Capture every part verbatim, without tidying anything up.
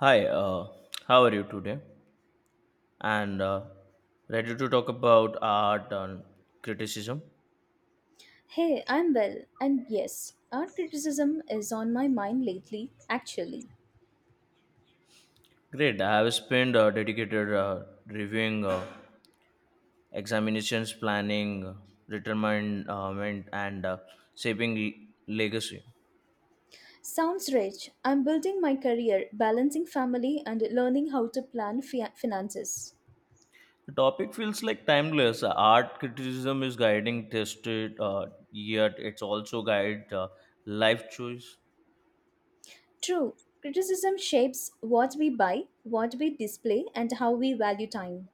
Hi, uh, how are you today? And uh, ready to talk about art and criticism? Hey, I'm well, and yes, art criticism is on my mind lately, actually. Great. I have spent uh, dedicated uh, reviewing uh, examinations, planning, uh, retirement, uh, and uh, shaping le- legacy. Sounds rich. I'm building my career, balancing family, and learning how to plan fi- finances. The topic feels like timeless. Art criticism is guiding tested, uh, yet it's also guide uh, life choice. True, criticism shapes what we buy, what we display, and how we value time.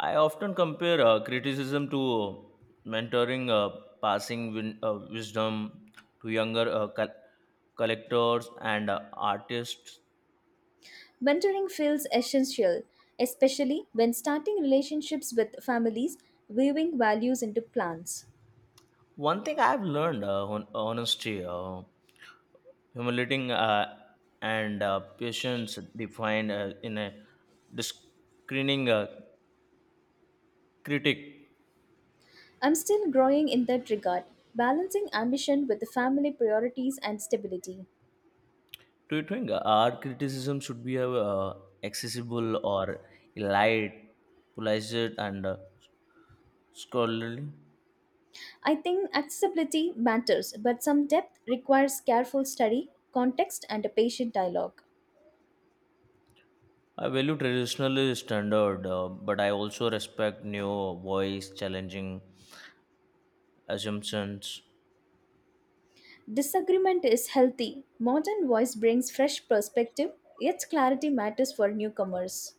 I often compare uh, criticism to mentoring, uh, passing win- uh, wisdom to younger uh, col- collectors and uh, artists. Mentoring feels essential, especially when starting relationships with families, weaving values into plans. One thing I've learned uh, hon- honesty, uh, humility, uh, and uh, patience defined uh, in a discerning uh, critic. I'm still growing in that regard, balancing ambition with the family priorities and stability. Do you think our criticism should be uh, accessible or light, polished, and uh, scholarly? I think accessibility matters, but some depth requires careful study, context, and a patient dialogue. I value traditional standard, uh, but I also respect new voice challenging assumptions. Disagreement is healthy. Modern voice brings fresh perspective, yet clarity matters for newcomers.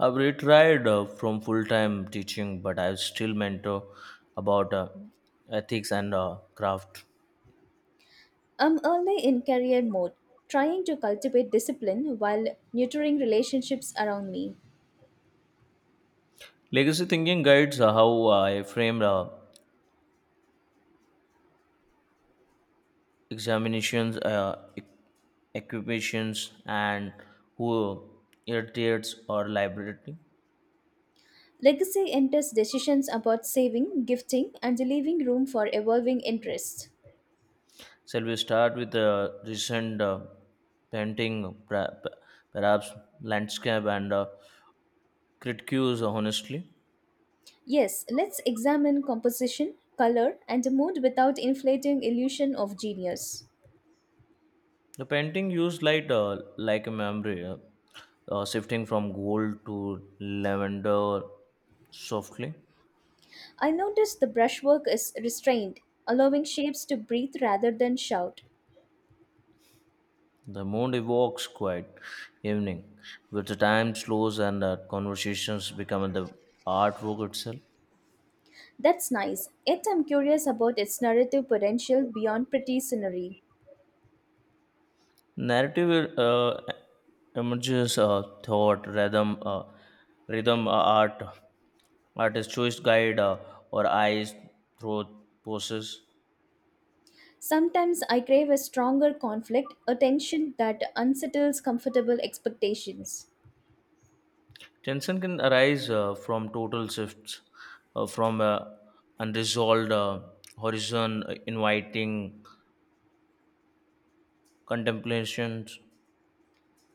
I've retired uh, from full-time teaching, but I still mentor about uh, ethics and uh, craft. I'm early in career mode, trying to cultivate discipline while nurturing relationships around me. Legacy thinking guides uh, how I frame uh, examinations, uh, e- equipations, and who irritates or liability. Legacy enters decisions about saving, gifting, and leaving room for evolving interests. Shall we start with the recent uh, painting, pra- p- perhaps landscape and uh, critiques, honestly? Yes, let's examine composition, color, and mood without inflating illusion of genius. The painting used light uh, like a memory, uh, uh, shifting from gold to lavender softly. I notice the brushwork is restrained, allowing shapes to breathe rather than shout. The moon evokes quiet evening, with the time slows and uh, conversations become the artwork itself. That's nice, yet I'm curious about its narrative potential beyond pretty scenery. Narrative uh, emerges uh, thought, rhythm, uh, rhythm, uh, art, artist choice guide, uh, or eyes, throat, poses. Sometimes I crave a stronger conflict, a tension that unsettles comfortable expectations. Tension can arise uh, from total shifts, uh, from uh, unresolved uh, horizon, uh, inviting contemplations.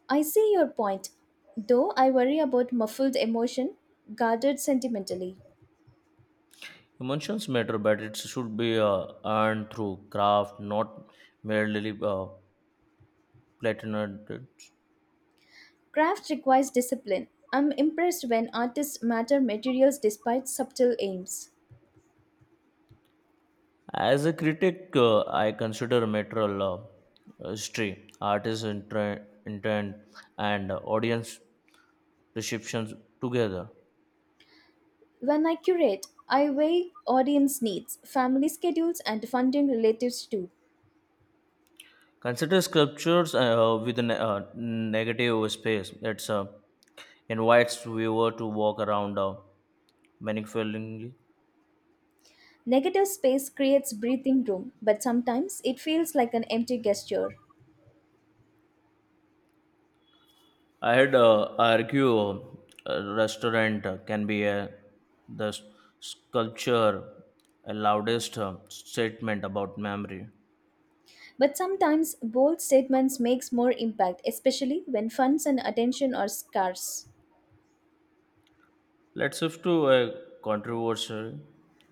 I see your point, though I worry about muffled emotion, guarded sentimentally. Emotions matter, but it should be uh, earned through craft, not merely uh, platonated. Craft requires discipline. I'm impressed when artists matter materials despite subtle aims. As a critic, uh, I consider material law, uh, history, artist intre- intent, and audience perceptions together. When I curate, I weigh audience needs, family schedules, and funding relatives too. Consider sculptures uh, with a ne- uh, negative space. It uh, invites viewer to walk around uh, manifoldly. Negative space creates breathing room, but sometimes it feels like an empty gesture. I had uh, argue uh, a restaurant can be a, the sculpture a loudest uh, statement about memory. But sometimes bold statements makes more impact, especially when funds and attention are scarce. Let's shift to a controversy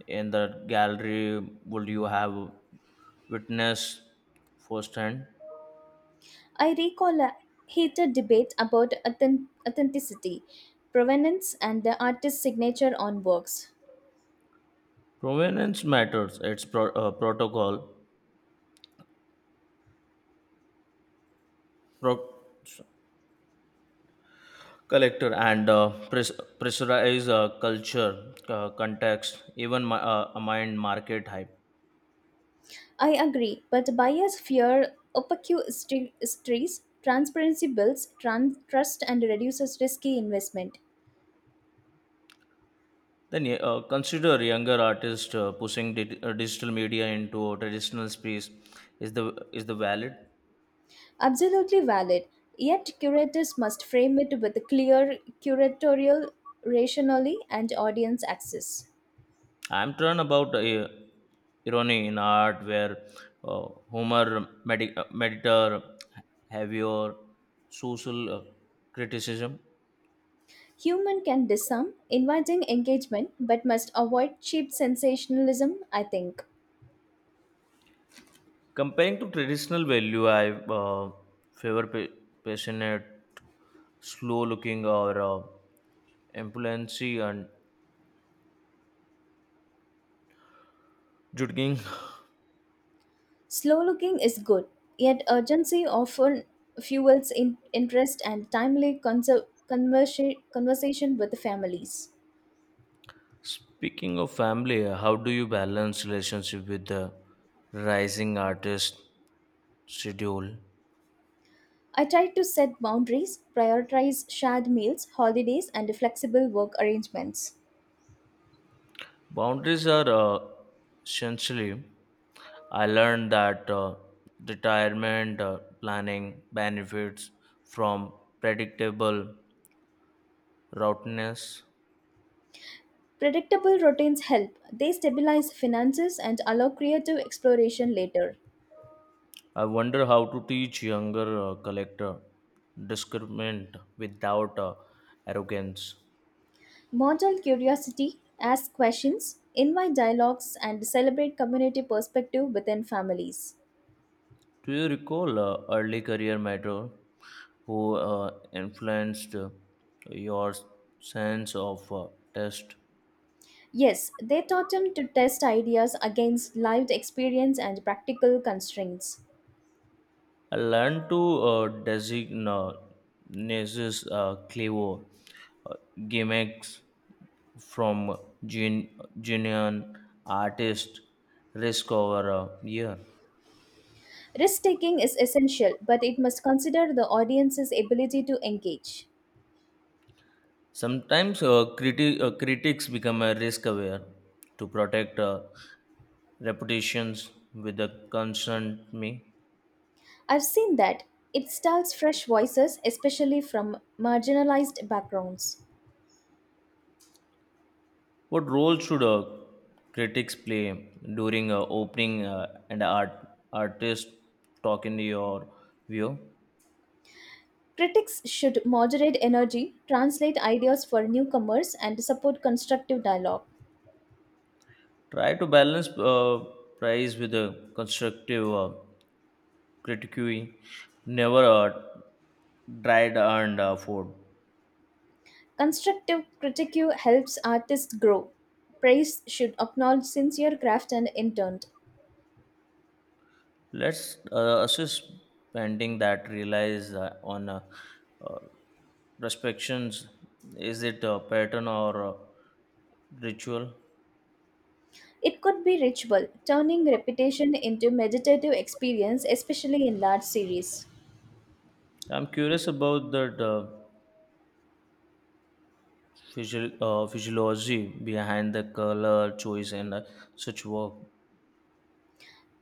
in the gallery. Would you have witnessed firsthand? I recall a heated debate about authen- authenticity, provenance, and the artist's signature on works. Provenance matters. It's pro- uh, protocol, pro- collector, and uh, pres- pressurized uh, culture, uh, context, even mi- uh, a mind market hype. I agree, but buyers fear opaque history- histories, transparency builds tran- trust and reduces risky investment. Then yeah, uh, consider younger artists uh, pushing di- uh, digital media into traditional space. Is the is the valid? Absolutely valid, yet curators must frame it with a clear curatorial rationale and audience access. I'm torn about uh, irony in art, where uh, Homer medi- uh, meditator heavier social uh, criticism. Human can disarm, inviting engagement, but must avoid cheap sensationalism, I think. Comparing to traditional value, I uh, favor pa- passionate, slow-looking, or uh, ambulancy and juggling. Slow looking is good, yet urgency often fuels in interest and timely conser- conversa- conversation with families. Speaking of family, how do you balance relationship with the rising artist schedule? I try to set boundaries, prioritize shared meals, holidays, and flexible work arrangements. Boundaries are uh, essentially. I learned that uh, retirement uh, planning benefits from predictable routiness. Predictable routines help. They stabilize finances and allow creative exploration later. I wonder how to teach younger uh, collector discernment without uh, arrogance. Model curiosity, ask questions, invite dialogues, and celebrate community perspective within families. Do you recall uh, early career mentor who uh, influenced uh, your sense of uh, test. Yes, they taught him to test ideas against lived experience and practical constraints. I learned to uh, designate uh, clever uh, gimmicks from gen- genuine artists risk over a year. Risk taking is essential, but it must consider the audience's ability to engage. Sometimes uh, criti- uh, critics become uh, risk aware to protect uh, reputations with the concern me. I've seen that. It stalls fresh voices, especially from marginalized backgrounds. What role should uh, critics play during uh, opening uh, and art- artist talk in your view? Critics should moderate energy, translate ideas for newcomers, and support constructive dialogue. Try to balance uh, praise with a constructive uh, critique, never a dried and uh, food. Constructive critique helps artists grow. Praise should acknowledge sincere craft and intent. Let's uh, assess painting that relies uh, on uh, uh, respections. Is it a pattern or a ritual? It could be ritual, turning repetition into meditative experience, especially in large series. I'm curious about the uh, physio- uh, physiology behind the color choice and uh, such work.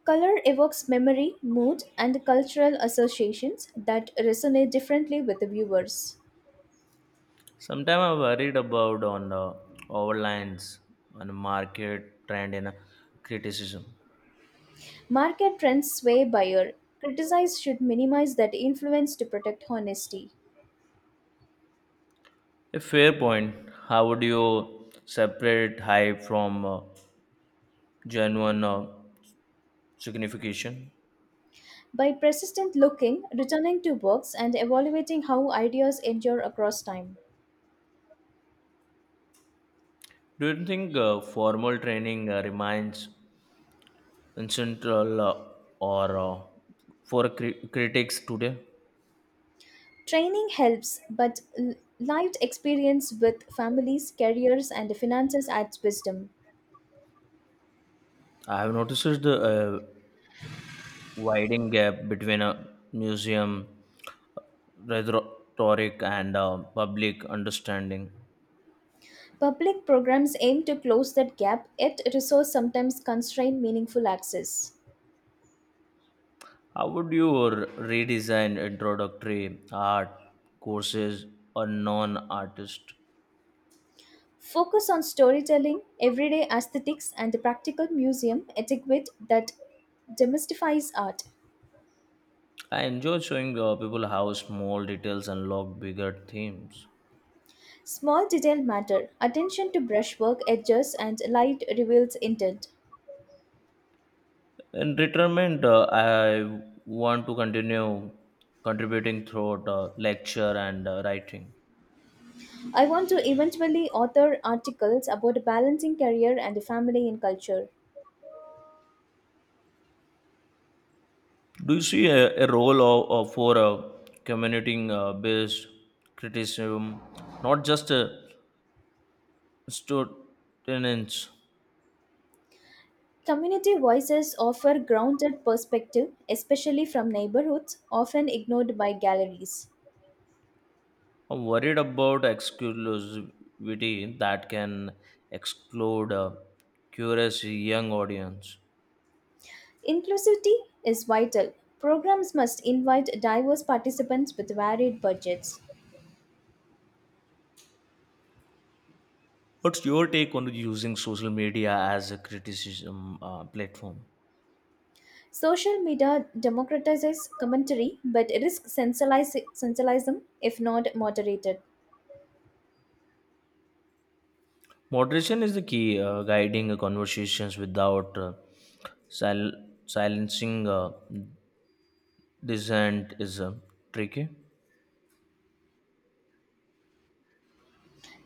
Color evokes memory, mood, and cultural associations that resonate differently with the viewers. Sometimes I'm worried about on the overlines on market trend and criticism. Market trends sway buyer. Criticize should minimize that influence to protect honesty. A fair point. How would you separate hype from uh, genuine uh, signification? By persistent looking, returning to works, and evaluating how ideas endure across time. Do you think uh, formal training uh, remains essential uh, or uh, for cri- critics today? Training helps, but l- lived experience with families, careers, and finances adds wisdom. I have noticed the uh, widening gap between a museum rhetoric and uh, public understanding. Public programs aim to close that gap, yet resources sometimes constrain meaningful access. How would you r- redesign introductory art courses or non-artist? Focus on storytelling, everyday aesthetics, and the practical museum etiquette that demystifies art. I enjoy showing uh, people how small details unlock bigger themes. Small detail matter. Attention to brushwork, edges, and light reveals intent. In retirement, uh, I want to continue contributing through uh, lecture and uh, writing. I want to eventually author articles about balancing career and family in culture. Do you see a, a role of, of for uh, community uh, based criticism, not just uh, students? Community voices offer grounded perspective, especially from neighborhoods often ignored by galleries. I'm worried about exclusivity that can exclude a curious young audience. Inclusivity is vital. Programs must invite diverse participants with varied budgets. What's your take on using social media as a criticism uh, platform? Social media democratizes commentary but risks sensationalism if not moderated. Moderation is the key, uh, guiding uh, conversations without uh, sil- silencing uh, Descent is uh, tricky.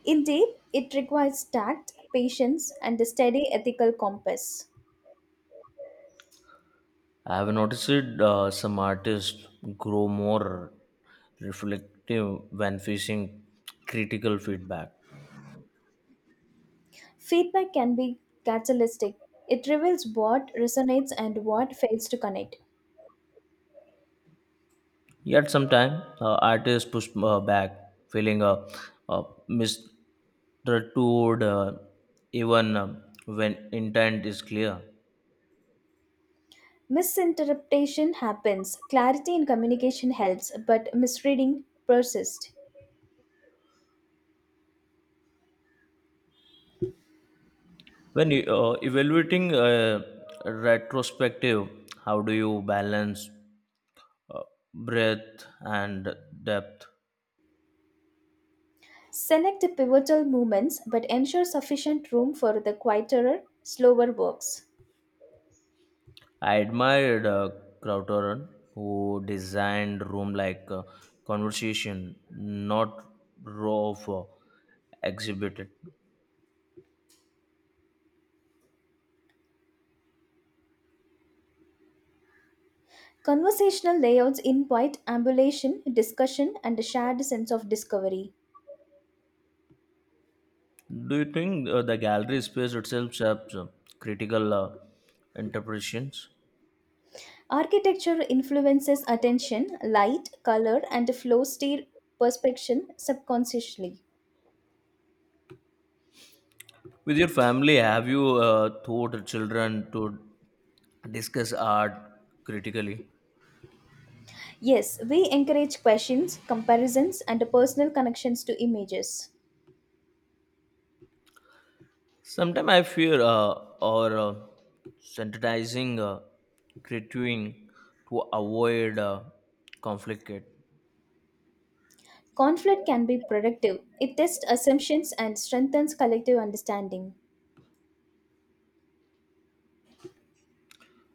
Indeed, it requires tact, patience, and a steady ethical compass. I have noticed uh, some artists grow more reflective when facing critical feedback. Feedback can be catalytic. It reveals what resonates and what fails to connect. Yet sometimes uh, artists push uh, back, feeling uh, uh, misunderstood uh, even uh, when intent is clear. Misinterpretation happens, clarity in communication helps, but misreading persists. When you, uh, evaluating uh, retrospective, how do you balance uh, breadth and depth? Select the pivotal movements but ensure sufficient room for the quieter, slower works. I admired uh, Crowther, who designed room like uh, conversation, not row of uh, exhibited. Conversational layouts invite ambulation, discussion, and a shared sense of discovery. Do you think uh, the gallery space itself serves uh, critical uh, interpretations? Architecture influences attention, light, color, and flow state perception subconsciously. With your family, have you uh, taught children to discuss art critically? Yes, we encourage questions, comparisons, and personal connections to images. Sometimes I fear uh, or uh, sensitizing, uh, critiquing to avoid uh, conflict. Conflict can be productive. It tests assumptions and strengthens collective understanding.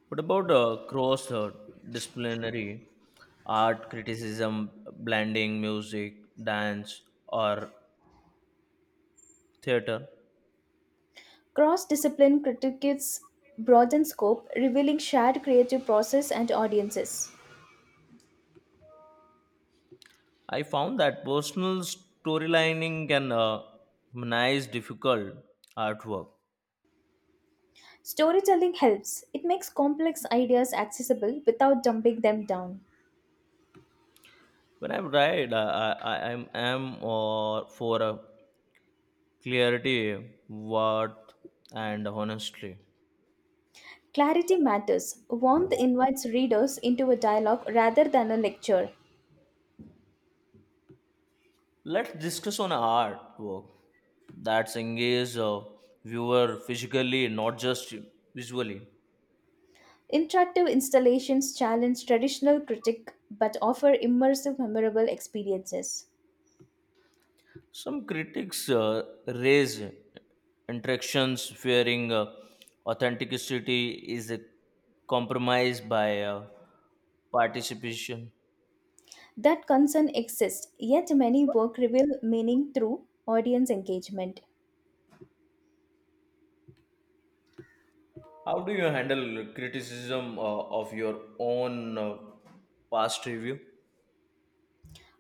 What about uh, cross uh, disciplinary art criticism, blending music, dance, or theater? Cross discipline critiques broaden scope, revealing shared creative process and audiences. I found that personal storylining can uh, humanize difficult artwork. Storytelling helps, it makes complex ideas accessible without dumping them down. When I write. I, I, I am am or for a clarity, worth, and honestly. Clarity matters, warmth invites readers into a dialogue rather than a lecture. Let's discuss on artwork that's engage a viewer physically, not just visually. Interactive installations challenge traditional critique but offer immersive, memorable experiences. Some critics uh, raise interactions fearing uh, authenticity is a compromise by uh, participation. That concern exists, yet many work reveal meaning through audience engagement. How do you handle criticism uh, of your own uh, past review?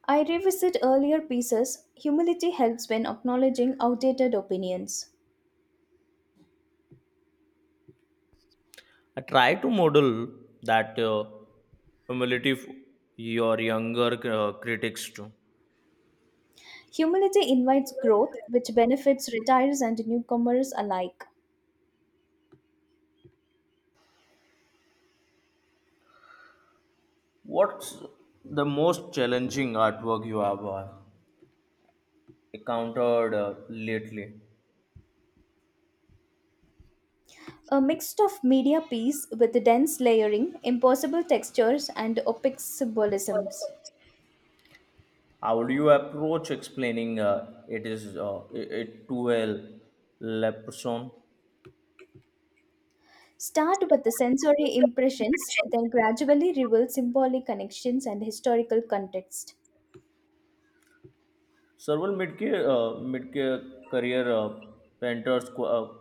I revisit earlier pieces. Humility helps when acknowledging outdated opinions. I try to model that uh, humility for your younger uh, critics too. Humility invites growth, which benefits retirees and newcomers alike. What's the most challenging artwork you have uh, encountered uh, lately? A mix of media piece with dense layering, impossible textures, and opaque symbolisms. How do you approach explaining uh, it is uh, it it to a leprechaun? Start with the sensory impressions, then gradually reveal symbolic connections and historical context. Several mid-career, uh, mid-career uh, painters qu- uh,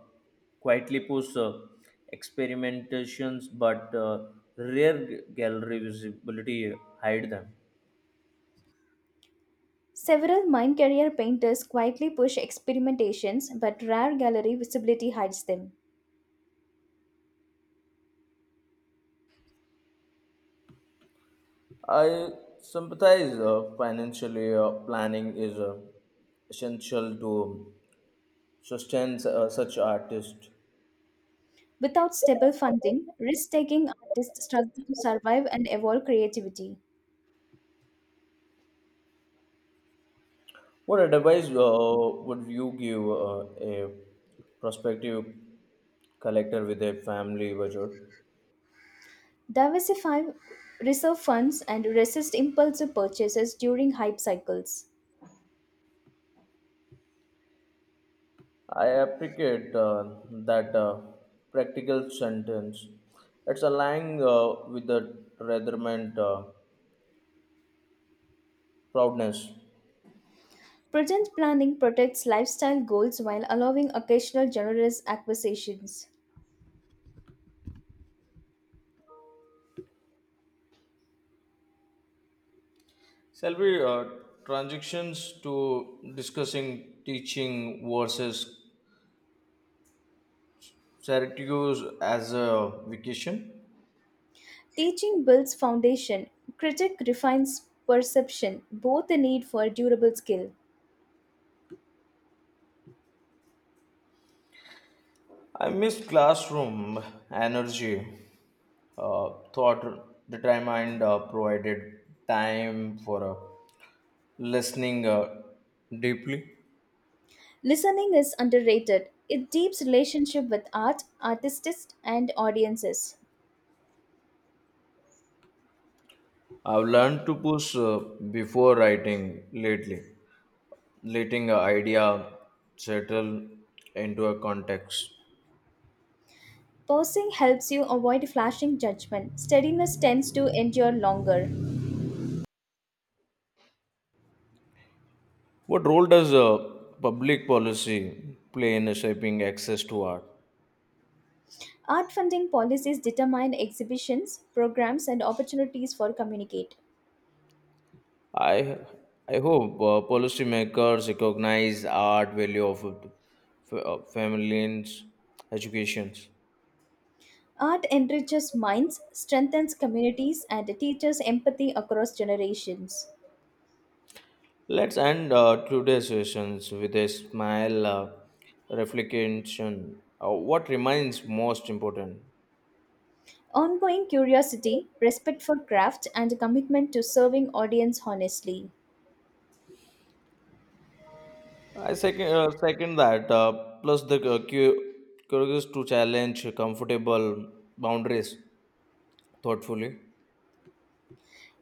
quietly push uh, experimentations, but uh, rare g- gallery visibility hide them. Several mind career painters quietly push experimentations, but rare gallery visibility hides them. I sympathize. Uh, financially, uh, planning is uh, essential to sustain uh, such artists. Without stable funding, risk taking artists struggle to survive and evolve creativity. What advice uh, would you give uh, a prospective collector with a family budget? Diversify reserve funds and resist impulsive purchases during hype cycles. I appreciate uh, that uh, practical sentence. It's aligned uh, with the retirement uh, proudness. Present planning protects lifestyle goals while allowing occasional generous acquisitions. Shall we uh, transitions to discussing teaching versus Syracuse as a vacation? Teaching builds foundation, critic refines perception, both the need for durable skill. I miss classroom energy uh, thought determined uh, provided time for uh, listening uh, deeply. Listening is underrated. It deeps relationship with art, artists, and audiences. I've learned to push uh, before writing lately letting an idea settle into a context. Pausing helps you avoid flashing judgment. Steadiness tends to endure longer. What role does uh, public policy play in shaping access to art? Art funding policies determine exhibitions, programs, and opportunities for communicate. I i hope uh, policymakers recognize art value of uh, f- uh, families educations. Art enriches minds, strengthens communities, and teaches empathy across generations. Let's end uh, today's sessions with a smile uh, reflection. Uh, what remains most important? Ongoing curiosity, respect for craft, and commitment to serving audience honestly. I second, uh, second that. Uh, plus, the uh, cu- curious to challenge comfortable boundaries thoughtfully.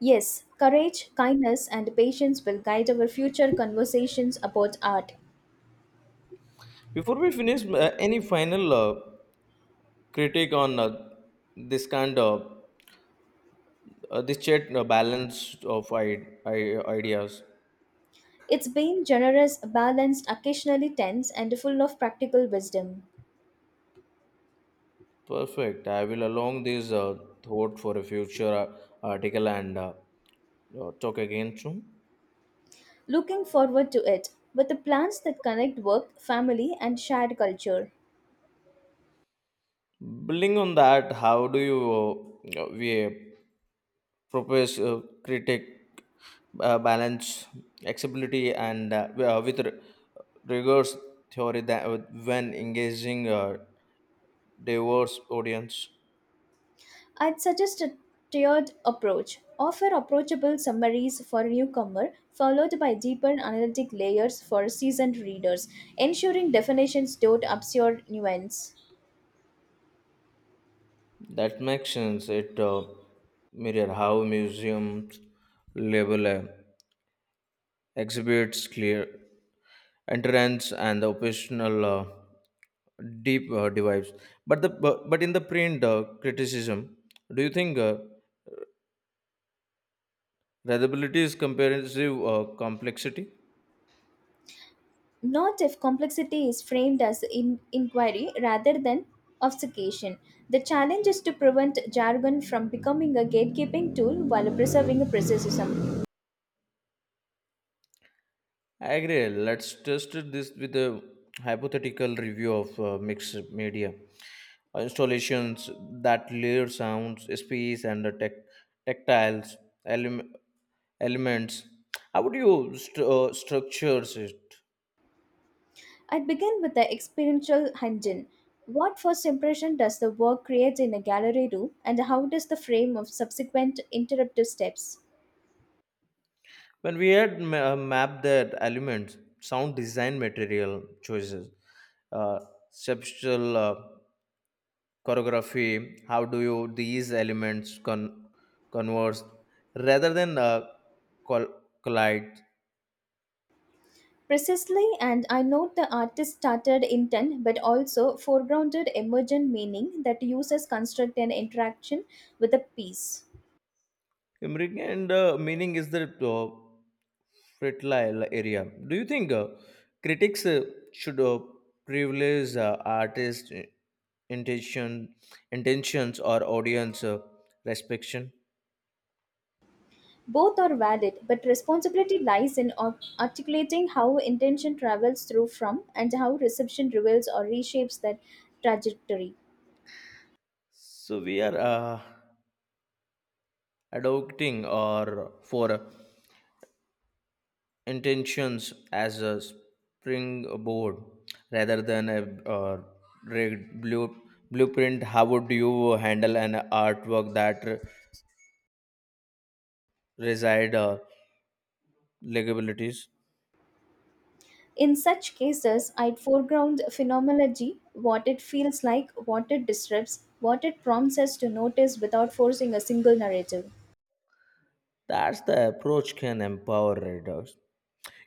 Yes, courage, kindness, and patience will guide our future conversations about art. Before we finish, uh, any final uh, critique on uh, this kind of uh, this chat uh, balance of I- I- ideas? It's been generous, balanced, occasionally tense, and full of practical wisdom. Perfect. I will along this uh, thought for a future uh, article and uh, uh, talk again soon. Looking forward to it, with the plans that connect work, family, and shared culture. Building on that, how do you uh, uh, we uh, propose uh, critic uh, balance accessibility and uh, wi- uh, with r- rigorous theory that uh, when engaging uh, diverse audience? I'd suggest a tiered approach. Offer approachable summaries for a newcomer, followed by deeper analytic layers for seasoned readers, ensuring definitions don't obscure nuance. That makes sense. It uh, mirror how museums label uh, exhibits clear entrance and the occasional uh, deep uh, divides. But the but, but in the print uh, criticism, do you think uh, readability is comparative uh, complexity? Not if complexity is framed as in- inquiry rather than obfuscation. The challenge is to prevent jargon from becoming a gatekeeping tool while preserving a precision. I agree. Let's test this with a hypothetical review of uh, mixed media Uh, installations that layer sounds, space, and the tec- tactiles elem- elements. How would you st- uh, structure it? I begin with the experiential engine. What first impression does the work create in a gallery room, and how does the frame of subsequent interruptive steps? When we had ma- uh, mapped that elements, sound design material choices, uh, substantial uh, choreography, how do you these elements con- converse rather than uh, col- collide? Precisely, and I note the artist started intent but also foregrounded emergent meaning that users construct an interaction with a piece. Imbric and uh, meaning is the uh, fertile area. Do you think uh, critics uh, should uh, privilege uh, artist intention intentions or audience uh, restriction? Both are valid, but responsibility lies in ar- articulating how intention travels through from and how reception reveals or reshapes that trajectory. So we are uh, adopting our for intentions as a springboard rather than a uh, rigged blue, blueprint. How would you handle an artwork that re- reside uh, legibilities? In such cases, I'd foreground phenomenology, what it feels like, what it disrupts, what it prompts us to notice without forcing a single narrative. That's the approach can empower readers.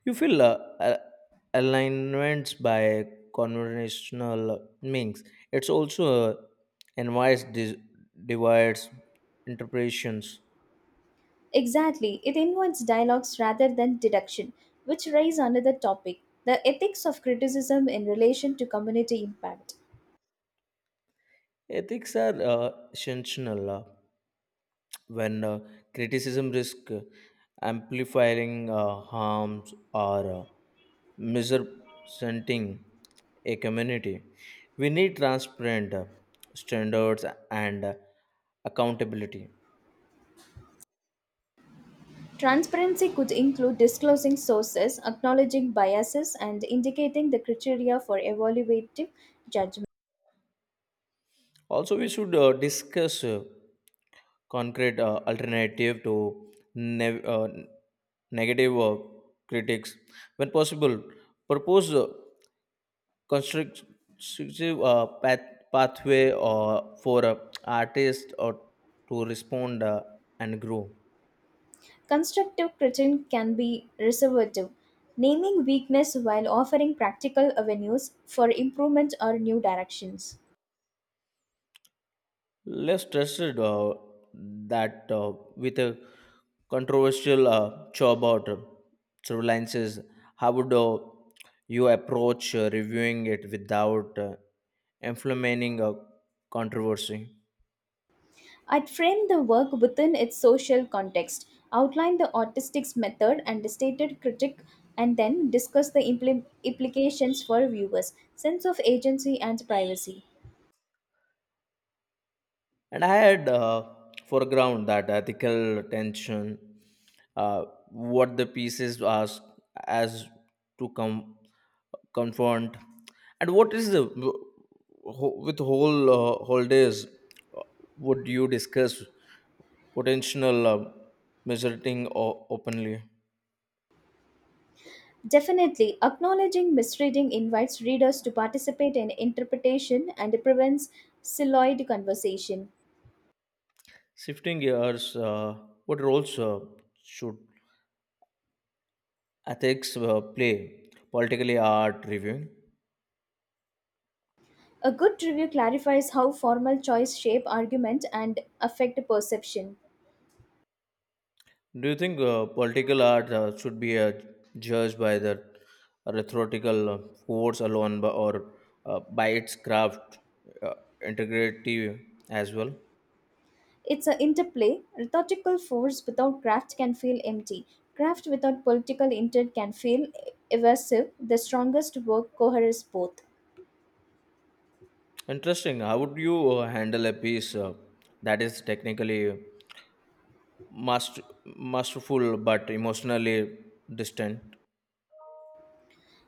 You feel uh, uh, alignments by conventional means. It's also uh, invites dis divides interpretations. Exactly, it invites dialogues rather than deduction, which raises another topic the ethics of criticism in relation to community impact. Ethics are uh, essential uh, when uh, criticism risk uh, amplifying uh, harms or uh, misrepresenting a community. We need transparent uh, standards and uh, accountability. Transparency could include disclosing sources, acknowledging biases, and indicating the criteria for evaluative judgment. Also, we should uh, discuss uh, concrete uh, alternative to ne- uh, negative uh, critics. When possible, propose uh, constructive uh, path- pathway uh, for uh, artists or to respond uh, and grow. Constructive criticism can be reservative, naming weakness while offering practical avenues for improvement or new directions. Less trusted uh, that uh, with a controversial uh, show about uh, surveillances, how would uh, you approach uh, reviewing it without uh, inflaming a controversy? I'd frame the work within its social context, outline the autistic's method and stated critic, and then discuss the impli- implications for viewers, sense of agency, and privacy. And I had uh, foreground that ethical tension, uh, what the pieces ask as to come confront and what is the wh- with whole uh, holidays uh, would you discuss potential uh, measuring o- openly. Definitely, acknowledging misreading invites readers to participate in interpretation and prevents siloid conversation. Shifting gears uh, what roles uh, should ethics uh, play politically art reviewing. A good review clarifies how formal choice shape argument and affect perception. Do you think uh, political art uh, should be uh, judged by the rhetorical uh, force alone bu- or uh, by its craft uh, integrity as well. It's an interplay. Rhetorical force without craft can feel empty. Craft without political intent can feel evasive. The strongest work coheres both. Interesting. How would you uh, handle a piece uh, that is technically master, masterful but emotionally distant?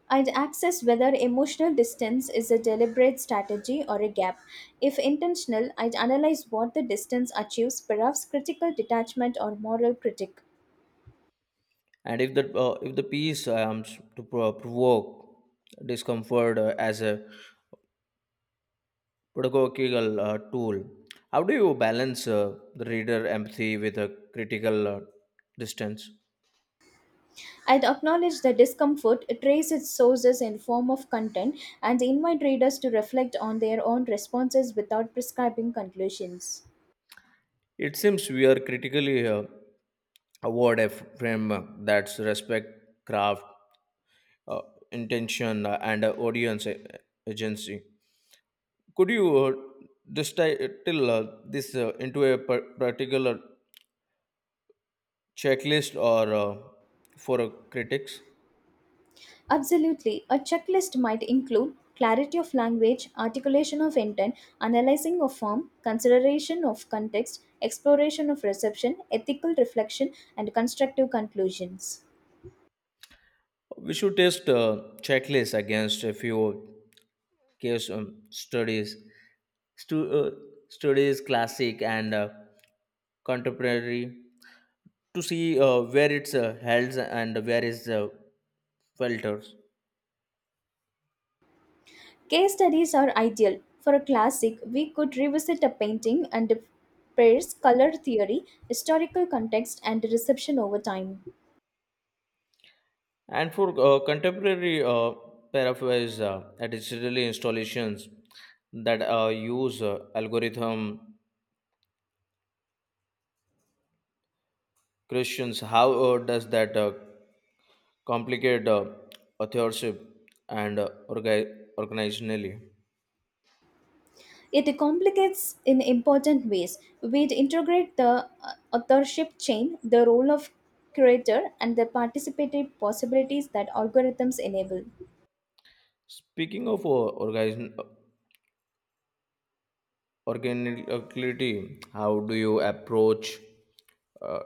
I'd access whether emotional distance is a deliberate strategy or a gap. If intentional, I'd analyze what the distance achieves, perhaps critical detachment or moral critique. And if the uh, if the piece um, s- to pro- provoke discomfort uh, as a pedagogical uh, tool, how do you balance uh, the reader empathy with a critical uh, distance? I'd acknowledge the discomfort, trace its sources in form of content, and invite readers to reflect on their own responses without prescribing conclusions. It seems we are critically uh, award a framework that's respect craft uh, intention uh, and uh, audience uh, agency. Could you uh, distill uh, this uh, into a par- particular checklist or uh, for uh, critics? Absolutely. A checklist might include clarity of language, articulation of intent, analyzing of form, consideration of context, exploration of reception, ethical reflection, and constructive conclusions. We should test uh, checklists against a few case um, studies, stu- uh, studies classic and uh, contemporary to see uh, where it's uh, held and where is uh, filters. Case studies are ideal. For a classic, we could revisit a painting and pair's color theory, historical context, and reception over time. And for uh, contemporary uh, paraphrase uh, uh, digital installations that uh, use uh, algorithm questions, how uh, does that uh, complicate uh, authorship and uh, orga- organizationally? It complicates in important ways. We integrate the uh, authorship chain, the role of curator, and the participatory possibilities that algorithms enable. Speaking of uh, organization, organicality. How do you approach uh,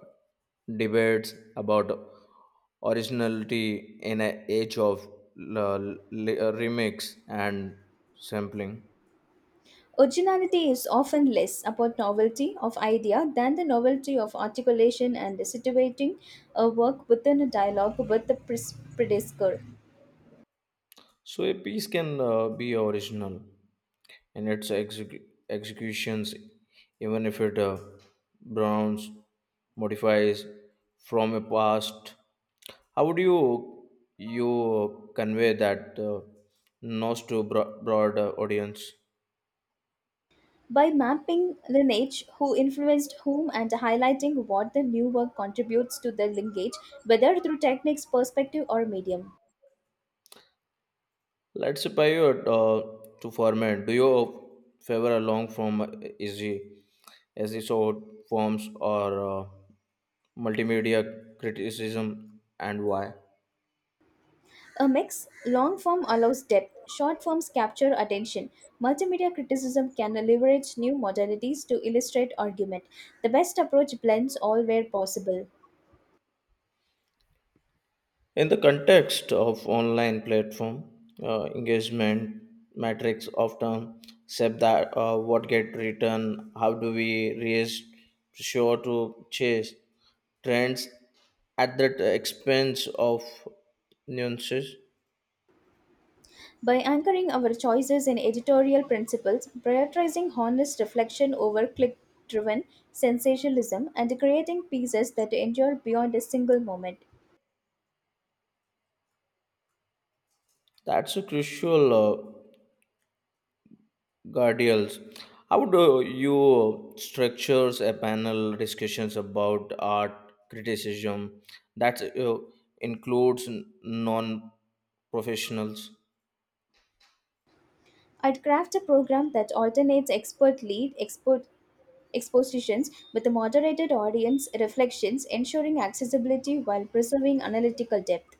debates about originality in an age of l- l- remix and sampling. Originality is often less about novelty of idea than the novelty of articulation and situating a work within a dialogue with the pres- predecessor. So a piece can uh, be original in its exec- executions even if it uh, browns modifies from a past. How would you you convey that uh, knows to bro- broad uh, audience? By mapping lineage, who influenced whom, and highlighting what the new work contributes to the lineage, whether through techniques, perspective, or medium. Let's pivot uh, to format. Do you favor a long form easy episode forms or uh, multimedia criticism and why? A mix, long form allows depth, short forms capture attention. Multimedia criticism can leverage new modalities to illustrate argument. The best approach blends all where possible. In the context of online platform, uh, engagement metrics often set that uh, what get written, how do we raise sure to chase trends at the expense of nuances. By anchoring our choices in editorial principles, prioritizing honest reflection over click driven sensationalism, and creating pieces that endure beyond a single moment. That's a crucial. Uh, Guardians, how do you structures a panel discussions about art criticism that uh, includes non-professionals? I'd craft a program that alternates expert lead, expert expositions with a moderated audience reflections, ensuring accessibility while preserving analytical depth.